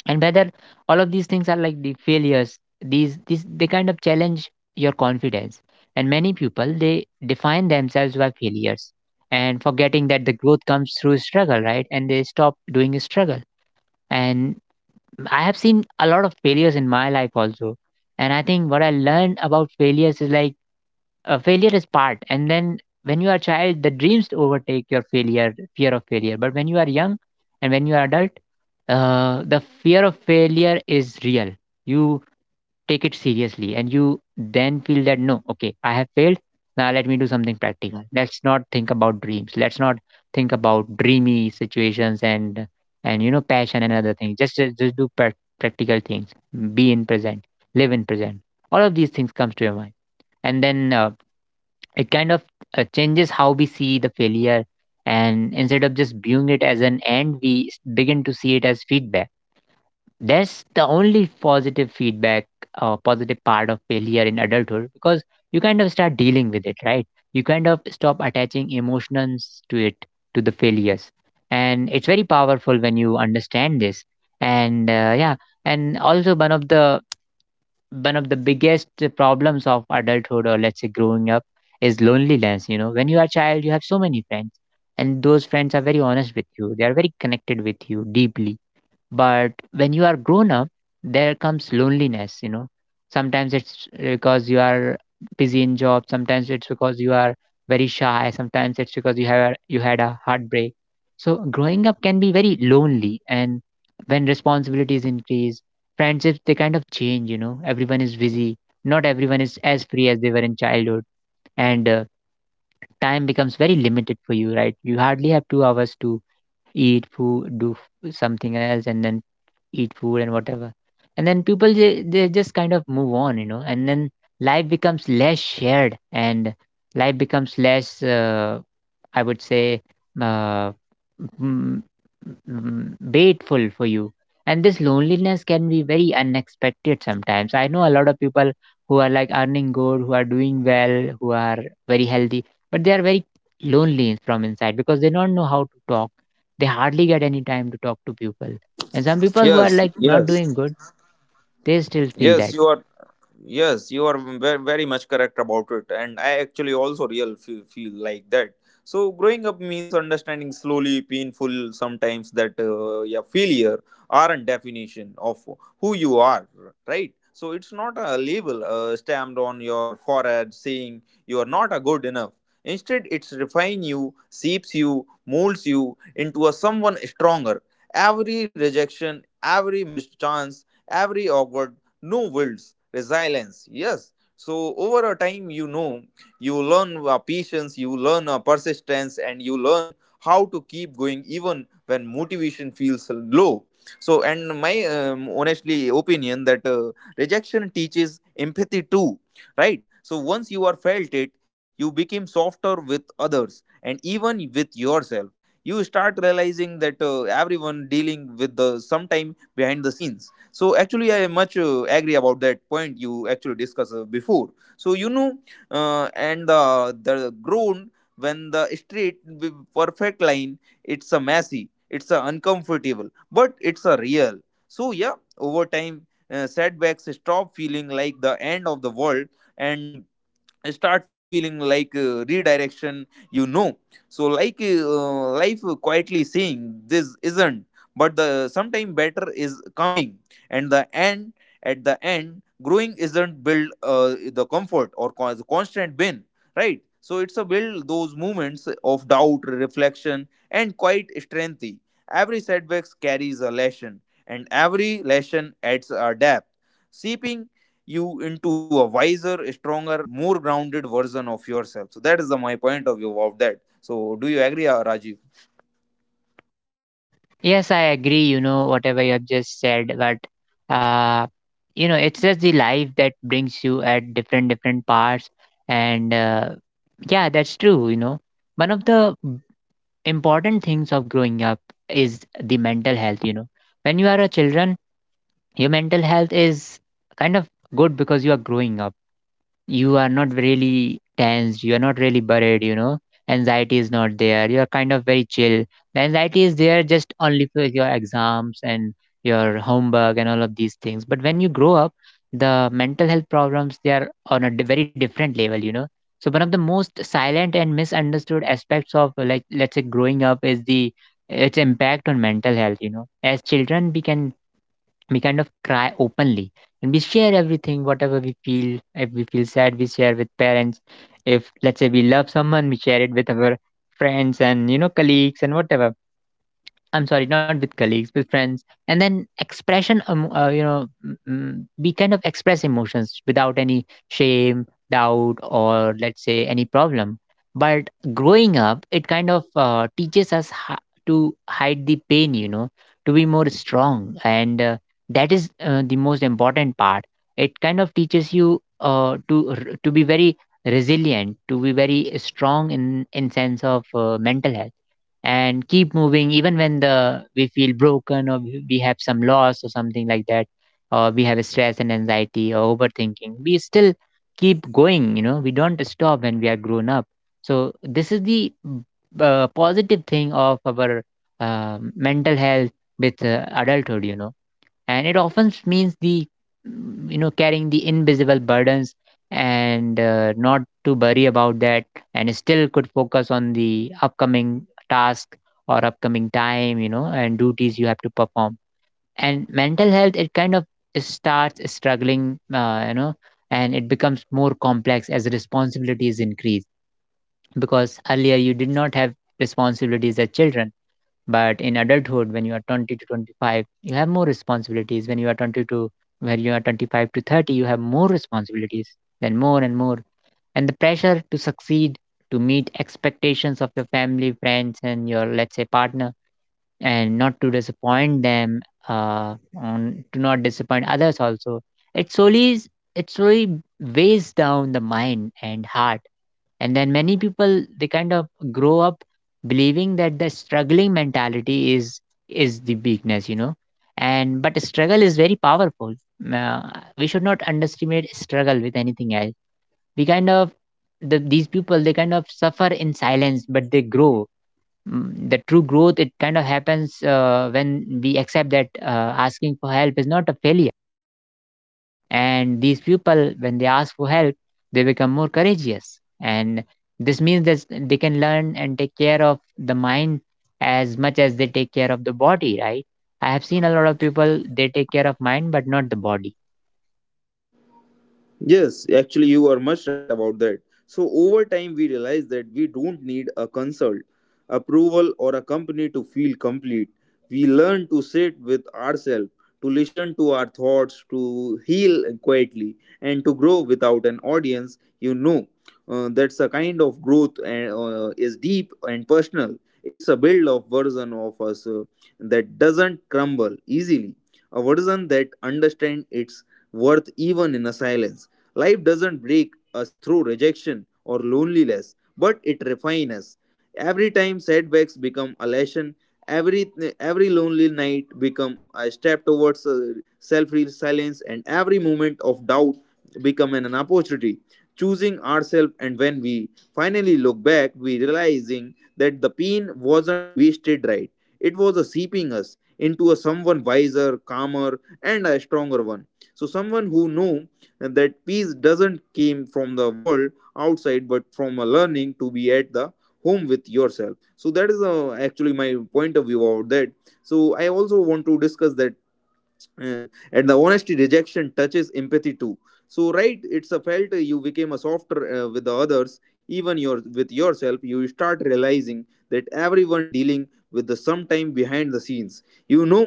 Speaker 1: And whether all of these things are like the failures, these they kind of challenge your confidence. And many people, they define themselves by failures and forgetting that the growth comes through struggle, right? And they stop doing struggle. And I have seen a lot of failures in my life also. And I think what I learned about failures is like, failure is part. And then when you are a child, the Dreams overtake your failure, fear of failure. But when you are young and when you are adult, the fear of failure is real. You take it seriously and you then feel that no, okay, I have failed. Now let me do something practical. Let's not think about dreams. Let's not think about dreamy situations and you know, passion and other things. Just do practical things. Be in present. Live in present. All of these things comes to your mind, and then it kind of changes how we see the failure. And instead of just viewing it as an end, begin to see it as feedback. That's the only positive feedback, positive part of failure in adulthood, because you kind of start dealing with it, right? You kind of stop attaching emotions to it, to the failures. And it's very powerful when you understand this. And yeah. And also, one of the biggest problems of adulthood, or let's say growing up, is loneliness. You know, when you are a child you have so many friends, and those friends are very honest with you, they are very connected with you deeply. But when you are grown up, there comes loneliness, you know. Sometimes it's because you are busy in job, sometimes it's because you are very shy, sometimes it's because you had a heartbreak. So growing up can be very lonely, and when responsibilities increase, friendships they kind of change. You know, everyone is busy, not everyone is as free as they were in childhood. And time becomes very limited for you, right? You hardly have 2 hours to eat food, do something else, and then eat food and whatever. And then people, they just kind of move on, you know. And then life becomes less shared, and life becomes less, I would say, uh, mm, mm, waitful for you. And this loneliness can be very unexpected sometimes. I know a lot of people who are like earning good, who are doing well, who are very healthy, but they are very lonely from inside because they don't know how to talk. They hardly get any time to talk to people. And some people who are
Speaker 2: Yes,
Speaker 1: like not doing
Speaker 2: yes.
Speaker 1: good, they still feel
Speaker 2: Yes,
Speaker 1: that.
Speaker 2: you are. Yes, you are very, very much correct about it, and I actually also real feel like that. So growing up means understanding slowly, painful sometimes that yeah, failure are a definition of who you are, right? So it's not a label stamped on your forehead saying you are not a good enough. Instead, it's refine you, shapes you, molds you into a someone stronger. Every rejection, every mischance, every awkward no wills, resilience. Yes. So over a time, you know, you learn patience, you learn persistence, and you learn how to keep going even when motivation feels low. So, and my honestly opinion that rejection teaches empathy too, right? So once you are felt it, you became softer with others and even with yourself. You start realizing that everyone dealing with the sometime behind the scenes. So actually I much agree about that point you actually discussed before. So you know, and the ground when the street with perfect line, it's a messy, it's a uncomfortable, but it's a real. So yeah, over time, setbacks stop feeling like the end of the world and start feeling like redirection, you know. So like life quietly saying this isn't but the sometime better is coming. And the end at the end growing isn't build the comfort or the constant win, right? So it's a build those moments of doubt, reflection, and quite strength. Every setbacks carries a lesson, and every lesson adds a depth, seeping you into a wiser, stronger, more grounded version of yourself. So that is the my point of view of that. So do you agree, Rajiv?
Speaker 1: Yes, I agree, you know, whatever you have just said. But uh, you know, it's just the life that brings you at different different parts. And yeah, that's true, you know. One of the b- important things of growing up is the mental health, you know. When you are a children, your mental health is kind of good because you are growing up, you are not really tense, you are not really worried, you know. Anxiety is not there, you are kind of very chill. The anxiety is there just only for your exams and your homework and all of these things. But when you grow up, the mental health problems, they are on a very different level, you know. So one of the most silent and misunderstood aspects of like let's say growing up is the its impact on mental health. You know, as children we kind of cry openly, and we share everything whatever we feel. If we feel sad we share with parents, if let's say we love someone we share it with our friends and you know, colleagues and whatever. I'm sorry, not with colleagues, with friends. And then expression, you know, we kind of express emotions without any shame, doubt, or let's say any problem. But growing up, it kind of teaches us to hide the pain, you know, to be more strong. And that is the most important part. It kind of teaches you to be very resilient, to be very strong in sense of mental health, and keep moving even when the we feel broken, or we have some loss or something like that, or we have stress and anxiety or overthinking, we still keep going. You know, we don't stop when we are grown up. So this is the positive thing of our mental health with adulthood, you know. And it often means the, you know, carrying the invisible burdens, and not to worry about that, and still could focus on the upcoming task, or upcoming time, you know, and duties you have to perform. And mental health it kind of starts struggling, you know. And it becomes more complex as responsibilities increase, because earlier you did not have responsibilities as children. But in adulthood, when you are 20 to 25, you have more responsibilities. When you are 25 to 30, you have more responsibilities, then more and more. And the pressure to succeed, to meet expectations of your family, friends, and your, let's say, partner, and not to disappoint them, uh on to not disappoint others also, it slowly it slowly weighs down the mind and heart. And then many people they kind of grow up believing that the struggling mentality is the weakness, you know. And but struggle is very powerful. uh, we should not underestimate struggle with anything else. We kind of the, these people they kind of suffer in silence, but they grow. Mm, the true growth it kind of happens when we accept that asking for help is not a failure. And these people when they ask for help, they become more courageous. And this means that they can learn and take care of the mind as much as they take care of the body, right? I have seen a lot of people, they take care of mind but not the body.
Speaker 2: Yes, actually, you are much right about that. So over time, we realize that we don't need a consult, approval, or a company to feel complete. We learn to sit with ourselves, to listen to our thoughts, to heal quietly, and to grow without an audience. You know, that's a kind of growth and is deep and personal. It's a build of version of us that doesn't crumble easily, a version that understands its worth even in a silence. Life doesn't break us through rejection or loneliness, but it refines us. Every time setbacks become a lesson, every every lonely night become a step towards self-resilience, and every moment of doubt become an opportunity. Choosing ourselves, and when we finally look back, we realizing that the pain wasn't wasted, right. It was a seeping us into a someone wiser, calmer, and a stronger one. So someone who know and that peace doesn't came from the world outside, but from a learning to be at the home with yourself. So that is actually my point of view about that. So I also want to discuss that, uh, and the honesty rejection touches empathy too. So right, it's a felt, you became a softer with the others, even your with yourself. You start realizing that everyone dealing with the sometime behind the scenes, you know.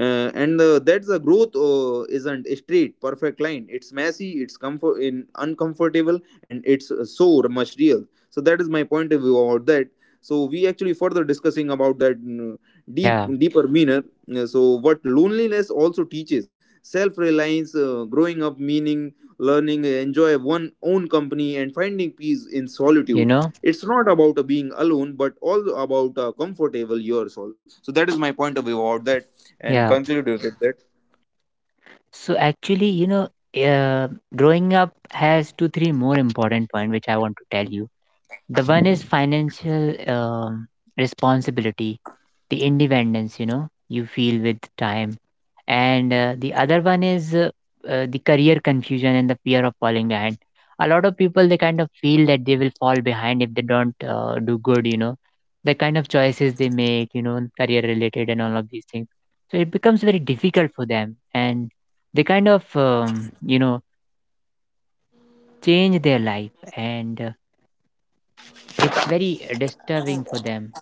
Speaker 2: And That's the growth isn't a straight perfect line. It's messy, it's comfort in uncomfortable, and it's so much real. So that is my point of view about that. So we actually further discussing about that, deep
Speaker 1: Yeah,
Speaker 2: deeper meaner. Yeah, so what loneliness also teaches self-reliance. Growing up meaning learning enjoy one own company and finding peace in
Speaker 1: you
Speaker 2: solitude.
Speaker 1: know.
Speaker 2: It's not about being alone but all about comfortable yourself. So that is my point of view about that, and
Speaker 1: Yeah,
Speaker 2: conclude with that.
Speaker 1: so actually you know, uh, growing up has 2 3 more important point which I want to tell you. The one is financial, responsibility, the independence, you know, you feel with time. And the other one is the career confusion and the fear of falling behind. A lot of people, they kind of feel that they will fall behind if they don't do good, you know, the kind of choices they make, you know, career related and all of these things. So it becomes very difficult for them. And they kind of, you know, change their life. And it's very disturbing for them.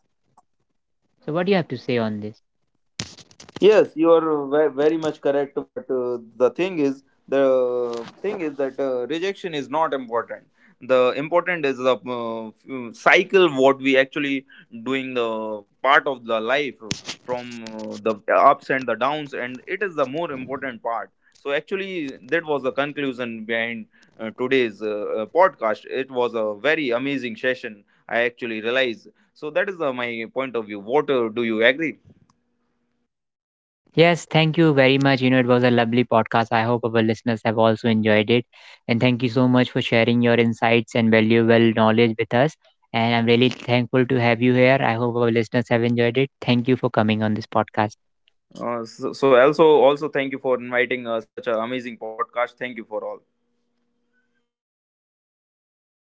Speaker 1: So, what do you have to say on this?
Speaker 2: Yes, you are very much correct. But the thing is that rejection is not important. The important is the cycle what we actually doing the part of the life from the ups and the downs, and it is the more important part. So actually, that was the conclusion behind today's podcast. It was a very amazing session. I actually realized. So that is my point of view. What do you agree?
Speaker 1: Yes, thank you very much. You know, it was a lovely podcast. I hope our listeners have also enjoyed it. And thank you so much for sharing your insights and valuable knowledge with us. And I'm really thankful to have you here. I hope our listeners have enjoyed it. Thank you for coming on this podcast.
Speaker 2: So also thank you for inviting such an amazing podcast. Thank you for all.